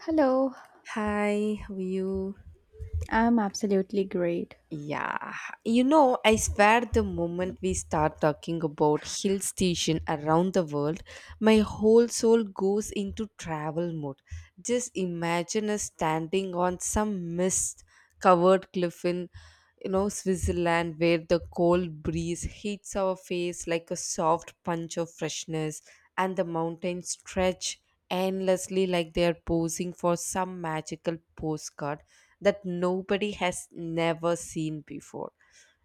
Hello, Hi, how are you? I'm absolutely great. Yeah, you know, I swear the moment we start talking about hill station around the world, my whole soul goes into travel mode. Just imagine us standing on some mist covered cliff in, you know, Switzerland where the cold breeze hits our face like a soft punch of freshness and the mountains stretch endlessly like they are posing for some magical postcard that nobody has never seen before.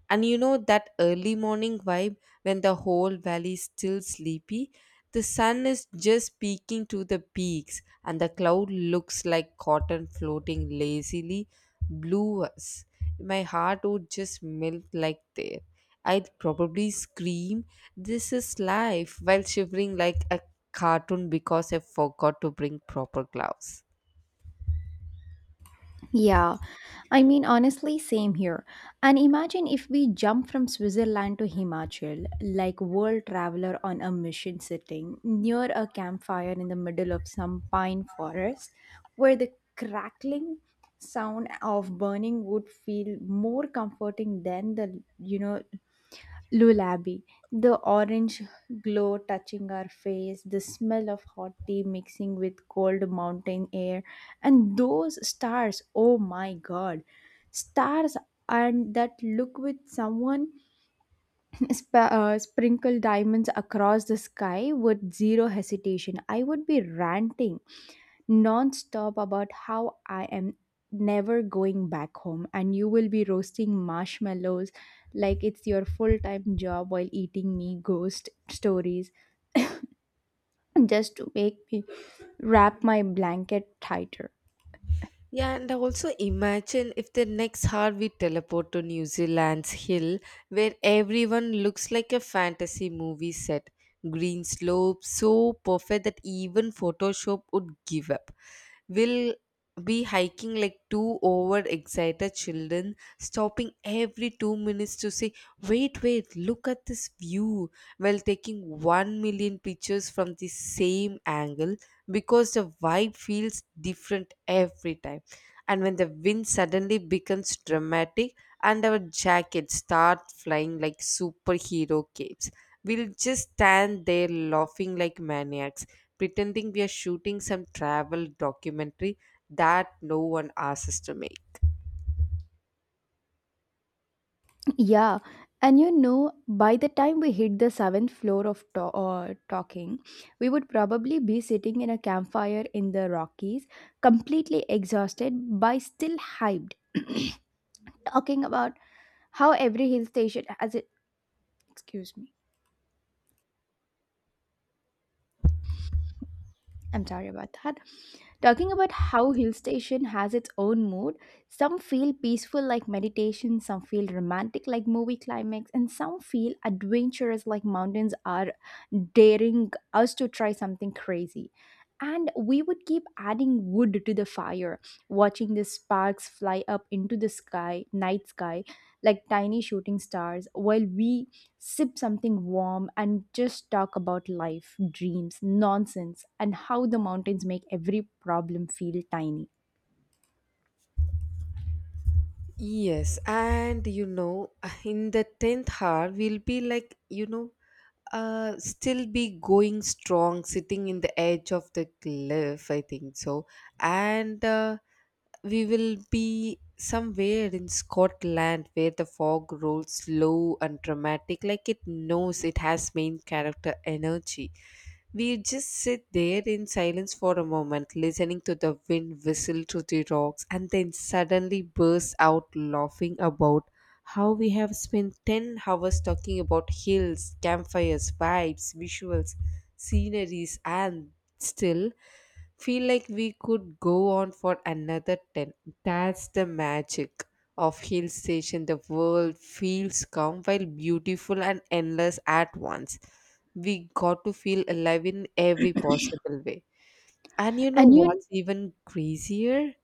And you know that early morning vibe when the whole valley is still sleepy? The sun is just peeking to the peaks, and the cloud looks like cotton floating lazily. Blue us. My heart would just melt like there. I'd probably scream, "This is life," while shivering like a cartoon because I forgot to bring proper gloves. Yeah, I mean, honestly, same here. And imagine if we jump from Switzerland to Himachal, like world traveler on a mission sitting near a campfire in the middle of some pine forest, where the crackling sound of burning wood feel more comforting than the Lullaby, the orange glow touching our face, the smell of hot tea mixing with cold mountain air, and those stars, oh my god, stars and that look with someone sprinkle diamonds across the sky with zero hesitation. I would be ranting nonstop about how I am never going back home and you will be roasting marshmallows like it's your full-time job while eating me ghost stories just to make me wrap my blanket tighter. Yeah, and also imagine if the next heartbeat teleport to New Zealand's hill where everyone looks like a fantasy movie set. Green slopes so perfect that even Photoshop would give up. We'll be hiking like two overexcited children, stopping every 2 minutes to say, "Wait, wait, look at this view," while taking 1,000,000 pictures from the same angle because the vibe feels different every time and when the wind suddenly becomes dramatic and our jackets start flying like superhero capes, we'll just stand there laughing like maniacs, pretending we are shooting some travel documentary that no one asks us to make. Yeah, and you know by the time we hit the seventh floor of talking, we would probably be sitting in a campfire in the Rockies, completely exhausted but still hyped. Talking about how every hill station has it, excuse me, I'm sorry about that. Talking about how hill station has its own mood, some feel peaceful like meditation, some feel romantic like movie climax, and some feel adventurous like mountains are daring us to try something crazy. And we would keep adding wood to the fire, watching the sparks fly up into the sky, night sky, like tiny shooting stars while we sip something warm, and just talk about life, dreams, nonsense, and how the mountains make every problem feel tiny. Yes, and you know, in the 10th hour, we'll be like, you know, still be going strong, sitting in the edge of the cliff, I think so. And we will be somewhere in Scotland where the fog rolls low and dramatic, like it knows it has main character energy. We just sit there in silence for a moment, listening to the wind whistle through the rocks, and then suddenly burst out laughing about how we have spent 10 hours talking about hills, campfires, vibes, visuals, sceneries, and still feel like we could go on for another 10. That's the magic of hill station. The world feels calm while beautiful and endless at once. We got to feel alive in every possible way. And you know And you, what's even crazier?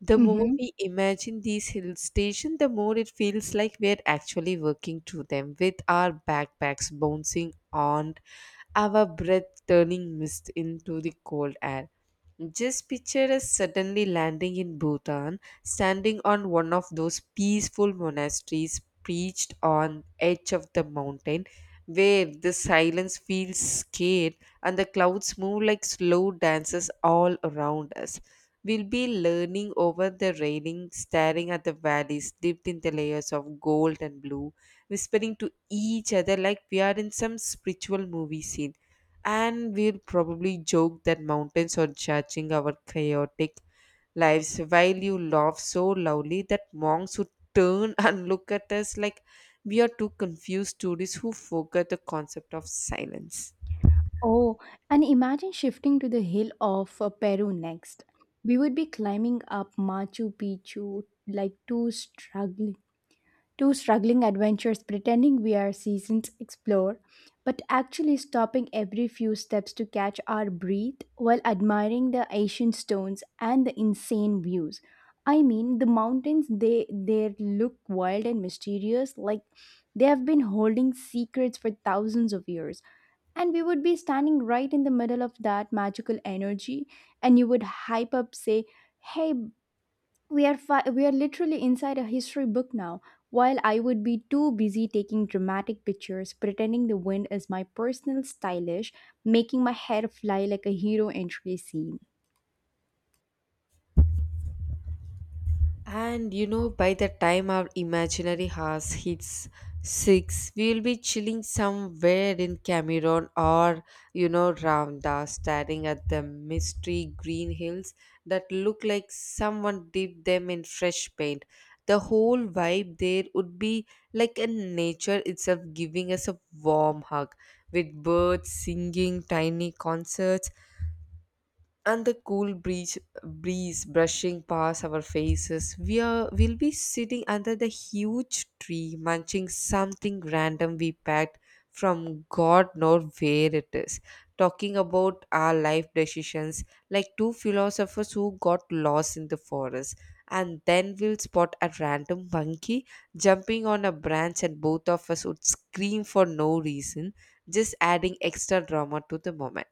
The more mhm. we imagine these hill stations, the more it feels like we're actually working through them with our backpacks bouncing on, our breath turning mist into the cold air. Just picture us suddenly landing in Bhutan, standing on one of those peaceful monasteries perched on edge of the mountain, where the silence feels scared and the clouds move like slow dances all around us. We'll be leaning over the railing, staring at the valleys dipped in the layers of gold and blue, whispering to each other like we are in some spiritual movie scene and we'll probably joke that mountains are judging our chaotic lives while you laugh so loudly that monks would turn and look at us like we are two confused tourists who forget the concept of silence. Oh, and imagine shifting to the hill of Peru next. We would be climbing up Machu Picchu like two struggling adventurers pretending we are seasoned explorer, but actually stopping every few steps to catch our breath while admiring the ancient stones and the insane views. I mean, the mountains they look wild and mysterious, like they have been holding secrets for thousands of years. And we would be standing right in the middle of that magical energy, and you would hype up, say, "Hey, we are literally inside a history book now," while I would be too busy taking dramatic pictures pretending the wind is my personal stylish, making my hair fly like a hero entry scene. And you know, by the time our imaginary house hits six, we'll be chilling somewhere in Cameroon or, you know, Ramda, staring at the mystery green hills that look like someone dipped them in fresh paint. The whole vibe there would be like a nature itself giving us a warm hug with birds singing, tiny concerts, and the cool breeze brushing past our faces. We will be sitting under the huge tree, munching something random we packed from God knows where it is, talking about our life decisions like two philosophers who got lost in the forest. And then we'll spot a random monkey jumping on a branch, and both of us would scream for no reason, just adding extra drama to the moment.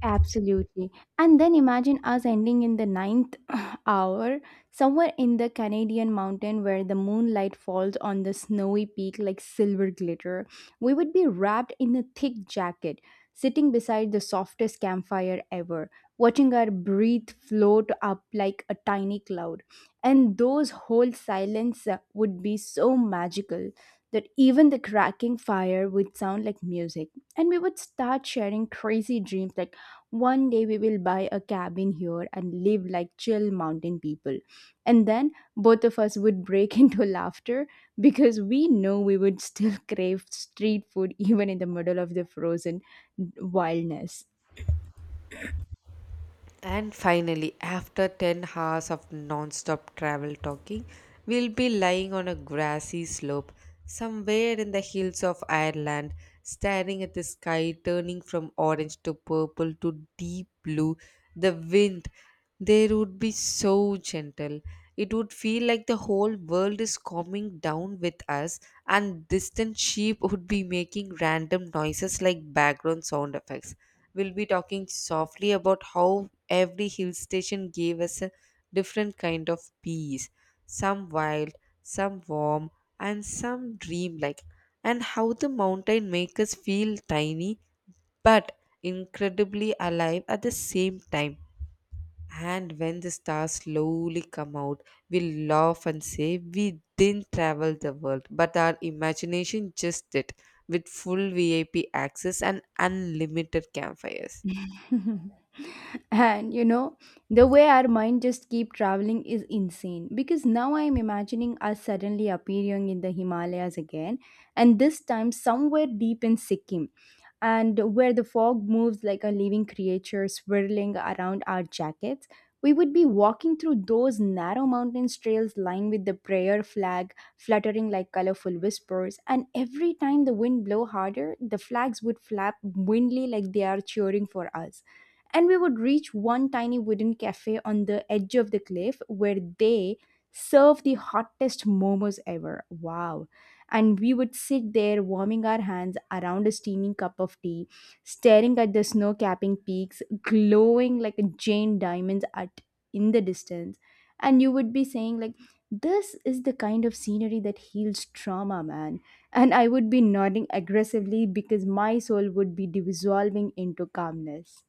Absolutely. And then imagine us ending in the ninth hour, somewhere in the Canadian mountain where the moonlight falls on the snowy peak like silver glitter. We would be wrapped in a thick jacket, sitting beside the softest campfire ever, watching our breath float up like a tiny cloud. And those whole silence would be so magical that even the cracking fire would sound like music, and we would start sharing crazy dreams like one day we will buy a cabin here and live like chill mountain people. And then both of us would break into laughter because we know we would still crave street food even in the middle of the frozen wildness. And finally, after 10 hours of non-stop travel talking, we'll be lying on a grassy slope somewhere in the hills of Ireland, staring at the sky turning from orange to purple to deep blue, the wind. They would be so gentle. It would feel like the whole world is calming down with us, and distant sheep would be making random noises like background sound effects. We'll be talking softly about how every hill station gave us a different kind of peace, some wild, some warm, and some dreamlike, and how the mountain makes us feel tiny but incredibly alive at the same time. And when the stars slowly come out, we laugh and say we didn't travel the world, but our imagination just did, with full VIP access and unlimited campfires. And you know, the way our mind just keep traveling is insane because now I'm imagining us suddenly appearing in the Himalayas again, and this time somewhere deep in Sikkim, and where the fog moves like a living creature swirling around our jackets. We would be walking through those narrow mountain trails lined with the prayer flag fluttering like colorful whispers, and every time the wind blew harder, the flags would flap wildly like they are cheering for us. And we would reach one tiny wooden cafe on the edge of the cliff where they serve the hottest momos ever. Wow. And we would sit there warming our hands around a steaming cup of tea, staring at the snow capping peaks glowing like a giant diamonds at in the distance. And you would be saying like, this is the kind of scenery that heals trauma, man. And I would be nodding aggressively because my soul would be dissolving into calmness.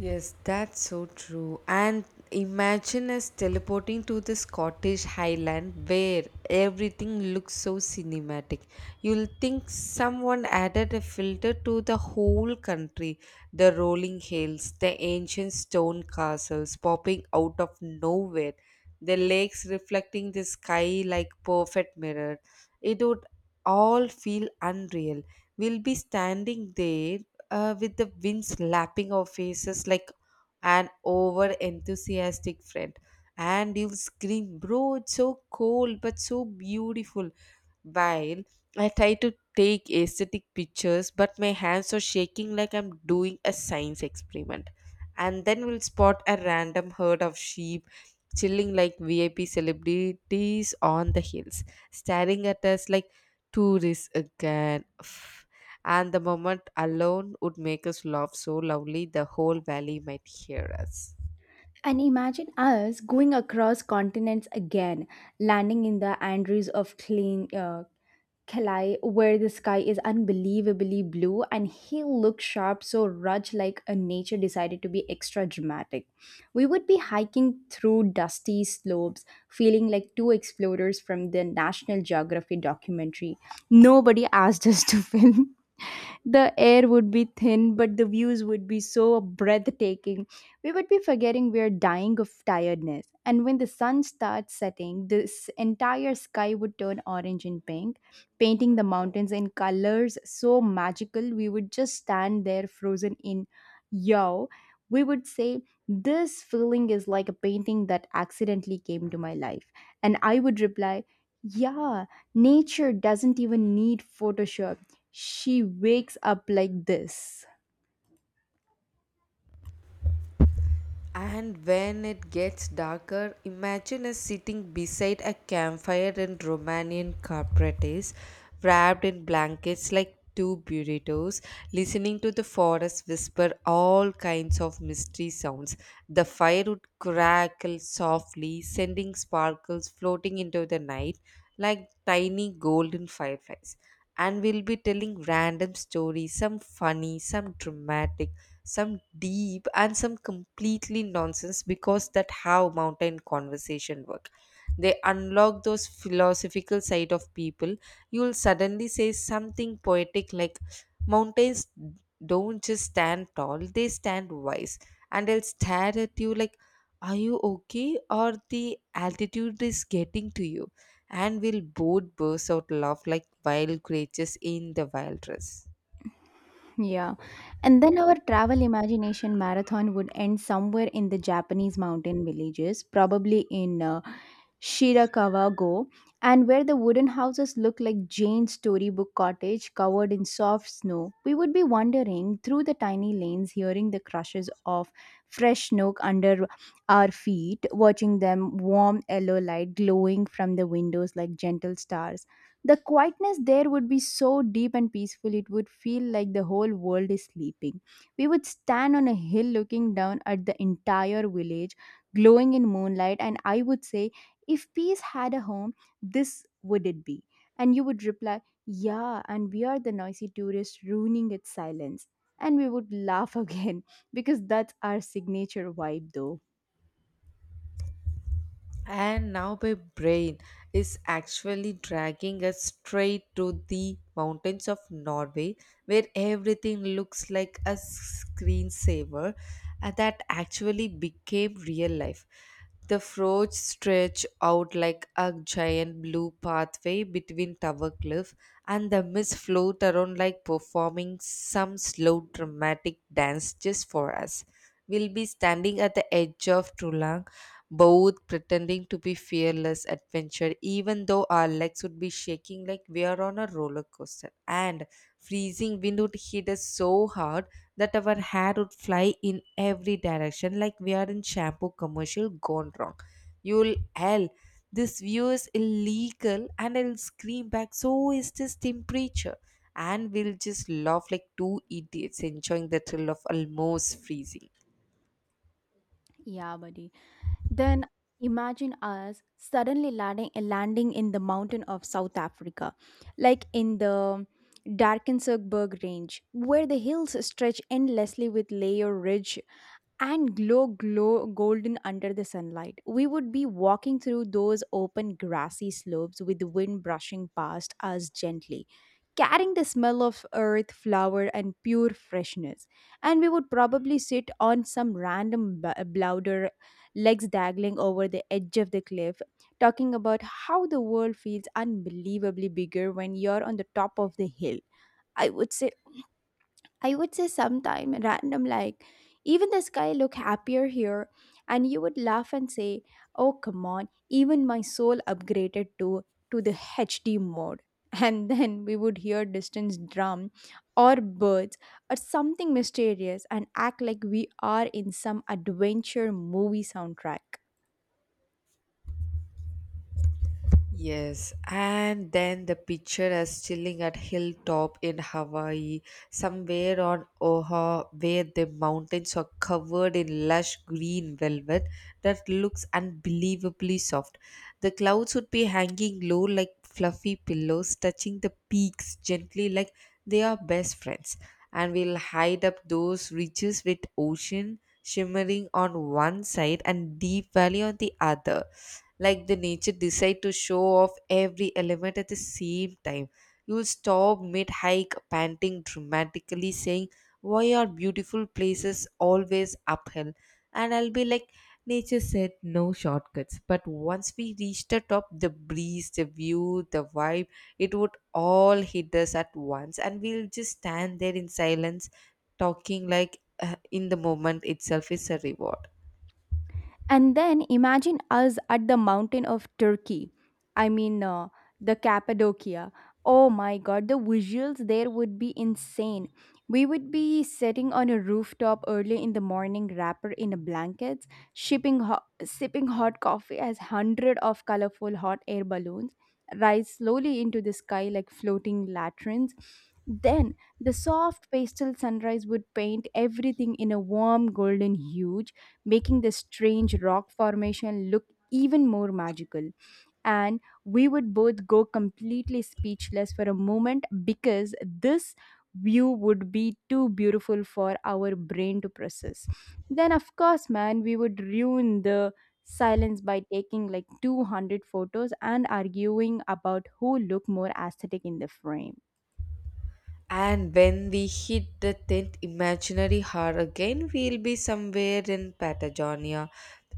Yes, that's so true. And imagine us teleporting to the Scottish Highland where everything looks so cinematic. You'll think someone added a filter to the whole country. The rolling hills, the ancient stone castles popping out of nowhere, the lakes reflecting the sky like perfect mirror. It would all feel unreal. We'll be standing there with the wind slapping our faces like an over enthusiastic friend. And you'll scream, "Bro, it's so cold but so beautiful," while I try to take aesthetic pictures, but my hands are shaking like I'm doing a science experiment. And then we'll spot a random herd of sheep chilling like VIP celebrities on the hills, staring at us like tourists again. Pff. And the moment alone would make us laugh so loudly the whole valley might hear us. And imagine us going across continents again, landing in the Andes of clean, Kalai, where the sky is unbelievably blue, and he looked sharp, so Raj, like a nature, decided to be extra dramatic. We would be hiking through dusty slopes, feeling like two explorers from the National Geography documentary. Nobody asked us to film. The air would be thin, but the views would be so breathtaking. We would be forgetting we're dying of tiredness. And when the sun starts setting, this entire sky would turn orange and pink, painting the mountains in colors so magical. We would just stand there frozen in awe. We would say, this feeling is like a painting that accidentally came to my life. And I would reply, yeah, nature doesn't even need Photoshop, she wakes up like this. And when it gets darker, imagine us sitting beside a campfire in Romanian carpetes, wrapped in blankets like two burritos, listening to the forest whisper all kinds of mystery sounds. The fire would crackle softly, sending sparkles floating into the night like tiny golden fireflies. And we'll be telling random stories, some funny, some dramatic, some deep, and some completely nonsense, because that how mountain conversation work. They unlock those philosophical side of people. You will suddenly say something poetic like, "Mountains don't just stand tall, they stand wise," and they'll stare at you like, "Are you okay or the altitude is getting to you?" And we'll both burst out laugh like wild creatures in the wild dress. Yeah. And then our travel imagination marathon would end somewhere in the Japanese mountain villages, probably in Shirakawa Go, and where the wooden houses look like Jane's storybook cottage covered in soft snow. We would be wandering through the tiny lanes, hearing the crushes of fresh snow under our feet, watching them warm yellow light glowing from the windows like gentle stars. The quietness there would be so deep and peaceful, it would feel like the whole world is sleeping. We would stand on a hill looking down at the entire village, glowing in moonlight, and I would say, if peace had a home, this would it be. And you would reply, yeah, and we are the noisy tourists ruining its silence. And we would laugh again because that's our signature vibe, though. And now my brain is actually dragging us straight to the mountains of Norway, where everything looks like a screensaver and that actually became real life. The fjords stretch out like a giant blue pathway between tower cliff, and the mist float around like performing some slow dramatic dance just for us. We'll be standing at the edge of Trula, both pretending to be fearless adventure, even though our legs would be shaking like we are on a roller coaster. And freezing wind would hit us so hard that our hair would fly in every direction like we are in shampoo commercial gone wrong. You'll hell. "This view is illegal," and I'll scream back, "So is this temperature." And we'll just laugh like two idiots enjoying the thrill of almost freezing. Yeah, buddy. Then imagine us suddenly landing in the mountain of South Africa, like in the Darkenberg Range, where the hills stretch endlessly with layer rich and glow golden under the sunlight. We would be walking through those open grassy slopes with the wind brushing past us gently, carrying the smell of earth, flower and pure freshness. And we would probably sit on some random blouder, legs dangling over the edge of the cliff, talking about how the world feels unbelievably bigger when you're on the top of the hill. I would say I would say sometime random like, even the sky look happier here. And you would laugh and say, "Oh come on, even my soul upgraded to the HD mode." And then we would hear distant drum or birds or something mysterious and act like we are in some adventure movie soundtrack. Yes, and then the picture is chilling at hilltop in Hawaii, somewhere on Oahu, where the mountains are covered in lush green velvet that looks unbelievably soft. The clouds would be hanging low like fluffy pillows, touching the peaks gently like they are best friends. And we'll hide up those ridges with ocean shimmering on one side and deep valley on the other, like the nature decide to show off every element at the same time. You'll stop mid-hike panting dramatically saying, "Why are beautiful places always uphill?" And I'll be like, "Nature said no shortcuts." But once we reach the top, the breeze, the view, the vibe, it would all hit us at once, and we'll just stand there in silence, talking like in the moment itself is a reward. And then imagine us at the mountain of Turkey. I mean, the Cappadocia. Oh my god, the visuals there would be insane. We would be sitting on a rooftop early in the morning, wrapped in blankets, sipping hot coffee as hundred of colorful hot air balloons rise slowly into the sky like floating latrines. Then the soft pastel sunrise would paint everything in a warm golden hue, making the strange rock formation look even more magical. And we would both go completely speechless for a moment because this view would be too beautiful for our brain to process. Then, of course, man, we would ruin the silence by taking like 200 photos and arguing about who looked more aesthetic in the frame. And when we hit the 10th imaginary hour again, we'll be somewhere in Patagonia,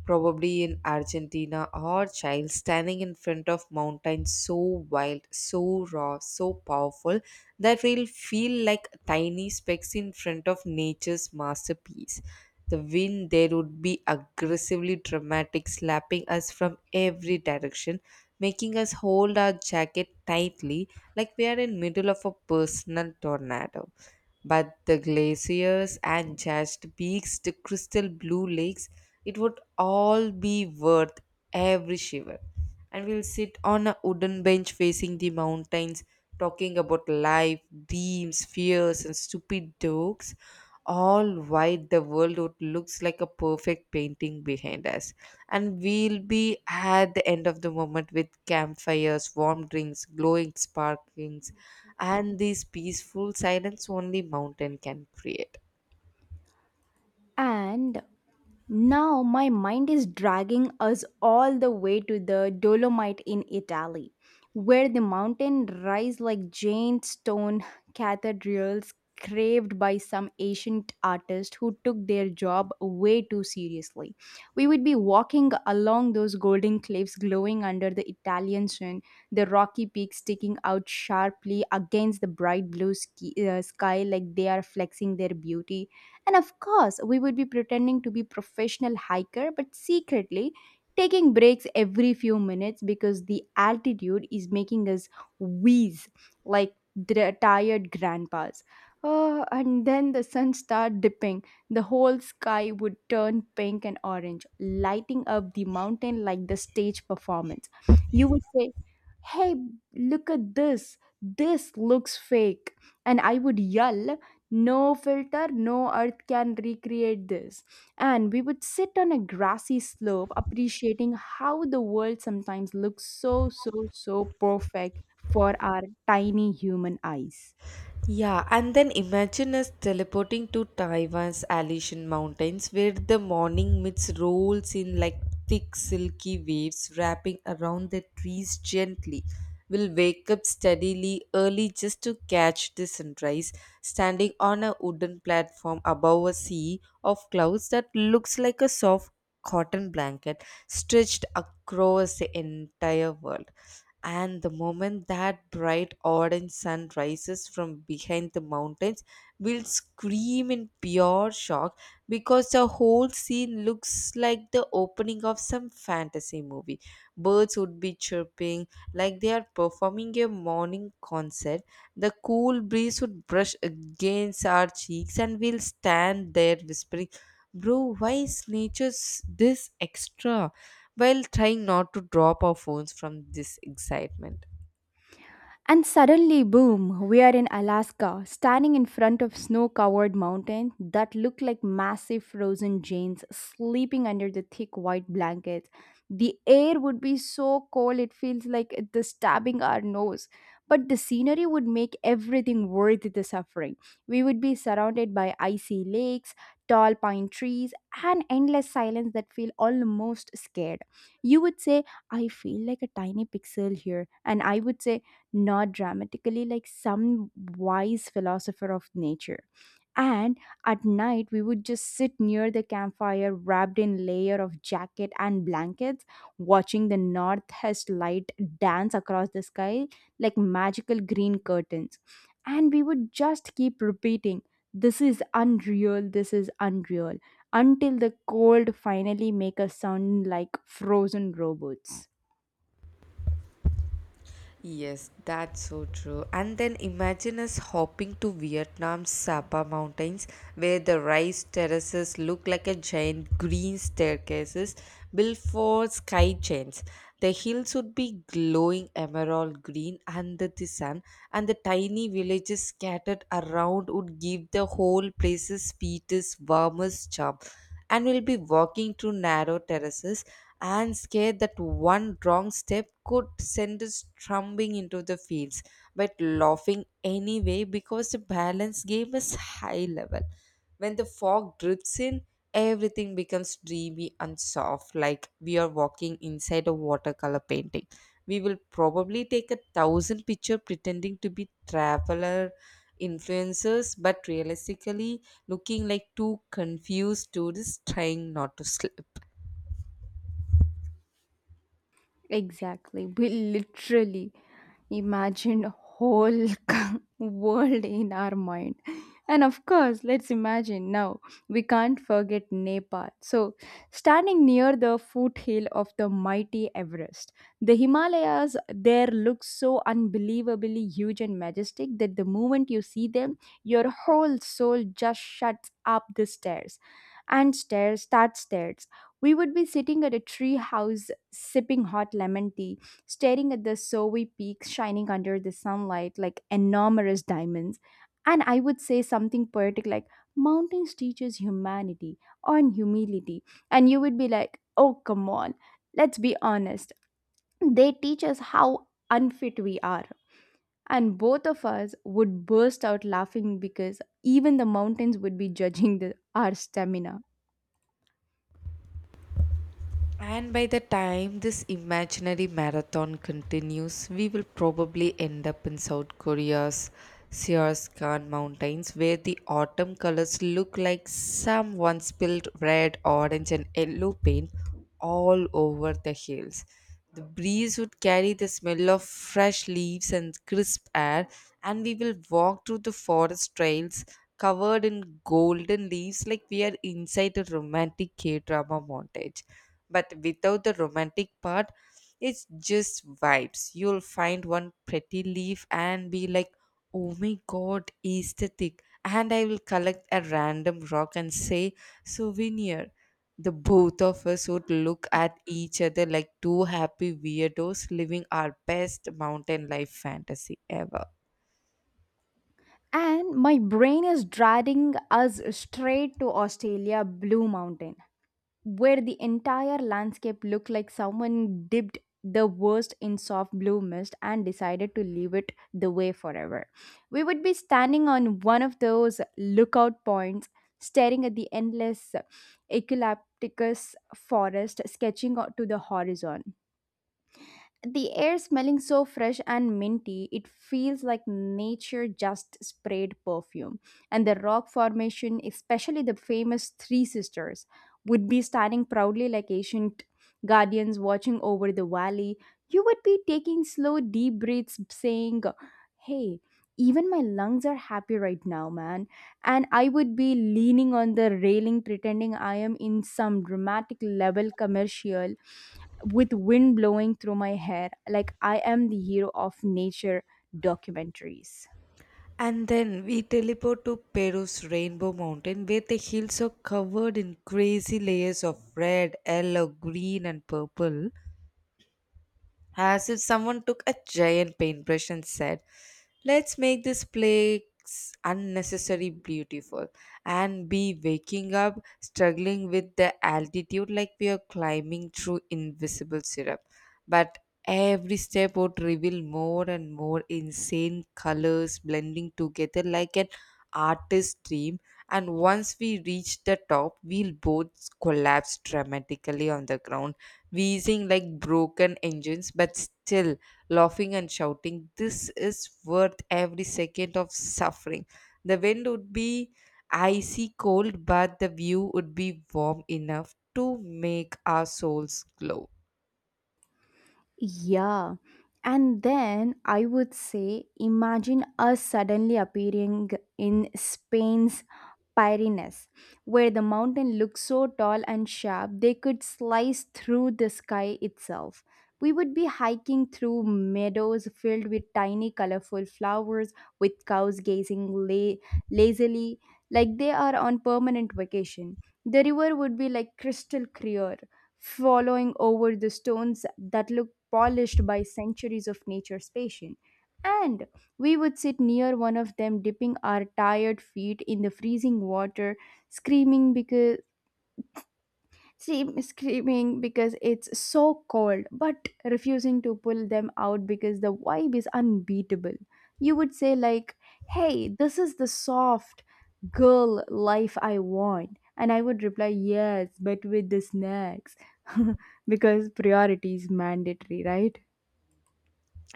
probably in Argentina or Chile, standing in front of mountains so wild, so raw, so powerful that we'll feel like tiny specks in front of nature's masterpiece. The wind there would be aggressively dramatic, slapping us from every direction, making us hold our jacket tightly like we are in middle of a personal tornado, but the glaciers and just peaks, the crystal blue lakes, it would all be worth every shiver. And we'll sit on a wooden bench facing the mountains, talking about life, dreams, fears, and stupid jokes. All while the world would looks like a perfect painting behind us. And we'll be at the end of the moment with campfires, warm drinks, glowing sparklings, and this peaceful silence only mountain can create. And now my mind is dragging us all the way to the Dolomite in Italy, where the mountain rise like giant stone cathedrals craved by some ancient artist who took their job way too seriously. We would be walking along those golden cliffs glowing under the Italian sun, the rocky peaks sticking out sharply against the bright blue sky like they are flexing their beauty. And of course, we would be pretending to be professional hiker but secretly taking breaks every few minutes because the altitude is making us wheeze like tired grandpas. Oh, and then the sun started dipping. The whole sky would turn pink and orange, lighting up the mountain like the stage performance. You would say, hey, look at this. This looks fake. And I would yell, no filter, no earth can recreate this. And we would sit on a grassy slope, appreciating how the world sometimes looks so, so, so perfect for our tiny human eyes. Yeah, and then imagine us teleporting to Taiwan's Alishan Mountains, where the morning mist rolls in like thick silky waves wrapping around the trees gently. We'll wake up steadily early just to catch the sunrise, standing on a wooden platform above a sea of clouds that looks like a soft cotton blanket stretched across the entire world. And the moment that bright orange sun rises from behind the mountains, we'll scream in pure shock because the whole scene looks like the opening of some fantasy movie. Birds would be chirping like they are performing a morning concert. The cool breeze would brush against our cheeks and we'll stand there whispering, bro, why is nature this extra, while trying not to drop our phones from this excitement. And suddenly, boom, we are in Alaska, standing in front of snow covered mountains that look like massive frozen giants sleeping under the thick white blankets. The air would be so cold it feels like it is stabbing our nose, but the scenery would make everything worth the suffering. We would be surrounded by icy lakes, tall pine trees, and endless silence that feel almost scared. You would say, I feel like a tiny pixel here, and I would say, not dramatically like some wise philosopher of nature. And at night, we would just sit near the campfire, wrapped in layer of jacket and blankets, watching the northeast light dance across the sky like magical green curtains. And we would just keep repeating, "This is unreal. This is unreal," until the cold finally make us sound like frozen robots. Yes, that's so true. And then imagine us hopping to Vietnam's Sapa Mountains, where the rice terraces look like a giant green staircases built for sky chains. The hills would be glowing emerald green under the sun, and the tiny villages scattered around would give the whole place's sweetest, warmest charm. And we'll be walking through narrow terraces and scared that one wrong step could send us tumbling into the fields, but laughing anyway because the balance game is high level. When the fog drifts in, everything becomes dreamy and soft, like we are walking inside a watercolor painting. We will probably take a thousand picture pretending to be traveler influencers, but realistically looking like two confused tourists trying not to slip. Exactly. We literally imagined a whole world in our mind. And of course, let's imagine now, we can't forget Nepal. So, standing near the foothill of the mighty Everest, the Himalayas there look so unbelievably huge and majestic that the moment you see them, your whole soul just shuts up the stairs and stairs, that stairs. We would be sitting at a tree house sipping hot lemon tea, staring at the snowy peaks shining under the sunlight like enormous diamonds. And I would say something poetic like, "Mountains teaches humanity on humility." And you would be like, "Oh, come on, let's be honest. They teach us how unfit we are." And both of us would burst out laughing because even the mountains would be judging our stamina. And by the time this imaginary marathon continues, we will probably end up in South Korea's Sears Khan Mountains, where the autumn colors look like someone spilled red, orange, and yellow paint all over the hills. The breeze would carry the smell of fresh leaves and crisp air, and we will walk through the forest trails covered in golden leaves like we are inside a romantic K drama montage, but without the romantic part. It's just vibes. You'll find one pretty leaf and be like, oh my god, aesthetic, and I will collect a random rock and say, souvenir. The both of us would look at each other like two happy weirdos living our best mountain life fantasy ever. And my brain is dragging us straight to Australia Blue Mountain, where the entire landscape looked like someone dipped the worst in soft blue mist and decided to leave it the way forever. We would be standing on one of those lookout points, staring at the endless eucalyptus forest sketching out to the horizon. The air smelling so fresh and minty, it feels like nature just sprayed perfume. And the rock formation, especially the famous Three Sisters, would be standing proudly like ancient guardians watching over the valley. You would be taking slow, deep breaths, saying, "Hey, even my lungs are happy right now, man." And I would be leaning on the railing, pretending I am in some dramatic level commercial with wind blowing through my hair like I am the hero of nature documentaries. And then we teleport to Peru's Rainbow Mountain, where the hills are covered in crazy layers of red, yellow, green, and purple, as if someone took a giant paintbrush and said, let's make this place unnecessarily beautiful, and be waking up struggling with the altitude like we are climbing through invisible syrup. But every step would reveal more and more insane colors blending together like an artist's dream. And once we reach the top, we'll both collapse dramatically on the ground, wheezing like broken engines, but still laughing and shouting, this is worth every second of suffering. The wind would be icy cold, but the view would be warm enough to make our souls glow. Yeah. And then I would say, imagine us suddenly appearing in Spain's Pyrenees, where the mountain looked so tall and sharp they could slice through the sky itself. We would be hiking through meadows filled with tiny colorful flowers, with cows gazing lazily like they are on permanent vacation. The river would be like crystal clear, flowing over the stones that look polished by centuries of nature's patience. And we would sit near one of them, dipping our tired feet in the freezing water, screaming because screaming because it's so cold, but refusing to pull them out because the vibe is unbeatable. You would say like, "Hey, this is the soft girl life I want," and I would reply, "Yes, but with the snacks," because priority is mandatory, right?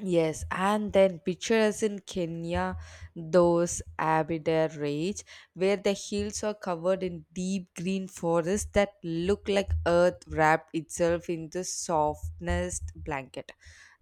Yes, and then picture us in Kenya, those Aberdare Range, where the hills are covered in deep green forests that look like earth wrapped itself in the softest blanket.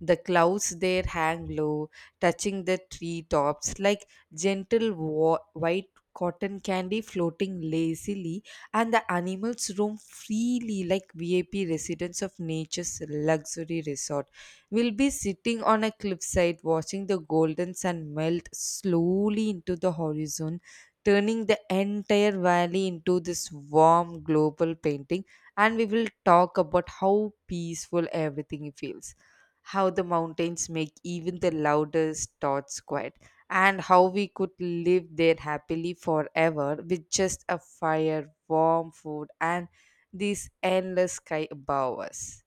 The clouds there hang low, touching the treetops like gentle white cotton candy floating lazily, and the animals roam freely like VIP residents of nature's luxury resort. We'll be sitting on a cliffside watching the golden sun melt slowly into the horizon, turning the entire valley into this warm global painting. And we will talk about how peaceful everything feels, how the mountains make even the loudest thoughts quiet, and how we could live there happily forever with just a fire, warm food, and this endless sky above us.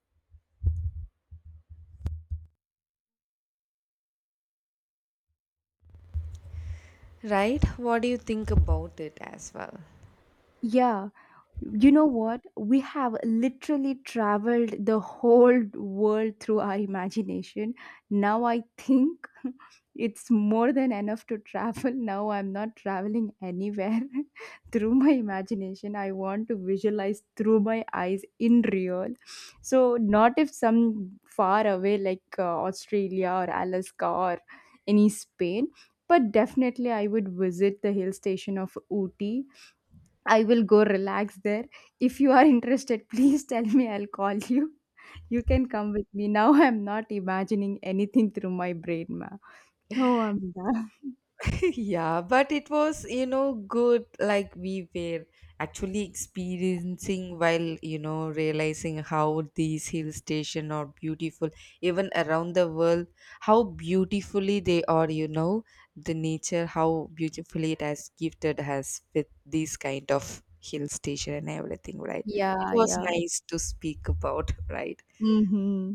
Right? What do you think about it as well? Yeah, you know what? We have literally traveled the whole world through our imagination. Now I think it's more than enough to travel. Now I'm not traveling anywhere through my imagination. I want to visualize through my eyes in real. So, not if some far away like Australia or Alaska or any Spain, but definitely I would visit the hill station of Ooty. I will go relax there. If you are interested, please tell me. I'll call you. You can come with me. Now I'm not imagining anything through my brain, ma. Oh, I'm done. Yeah, but it was, good. Like we were actually experiencing while, realizing how these hill stations are beautiful, even around the world, how beautifully they are, the nature, how beautifully it has gifted us with these kind of hill station and everything, right? It Yeah, was yeah. nice to speak about, right? Mm-hmm.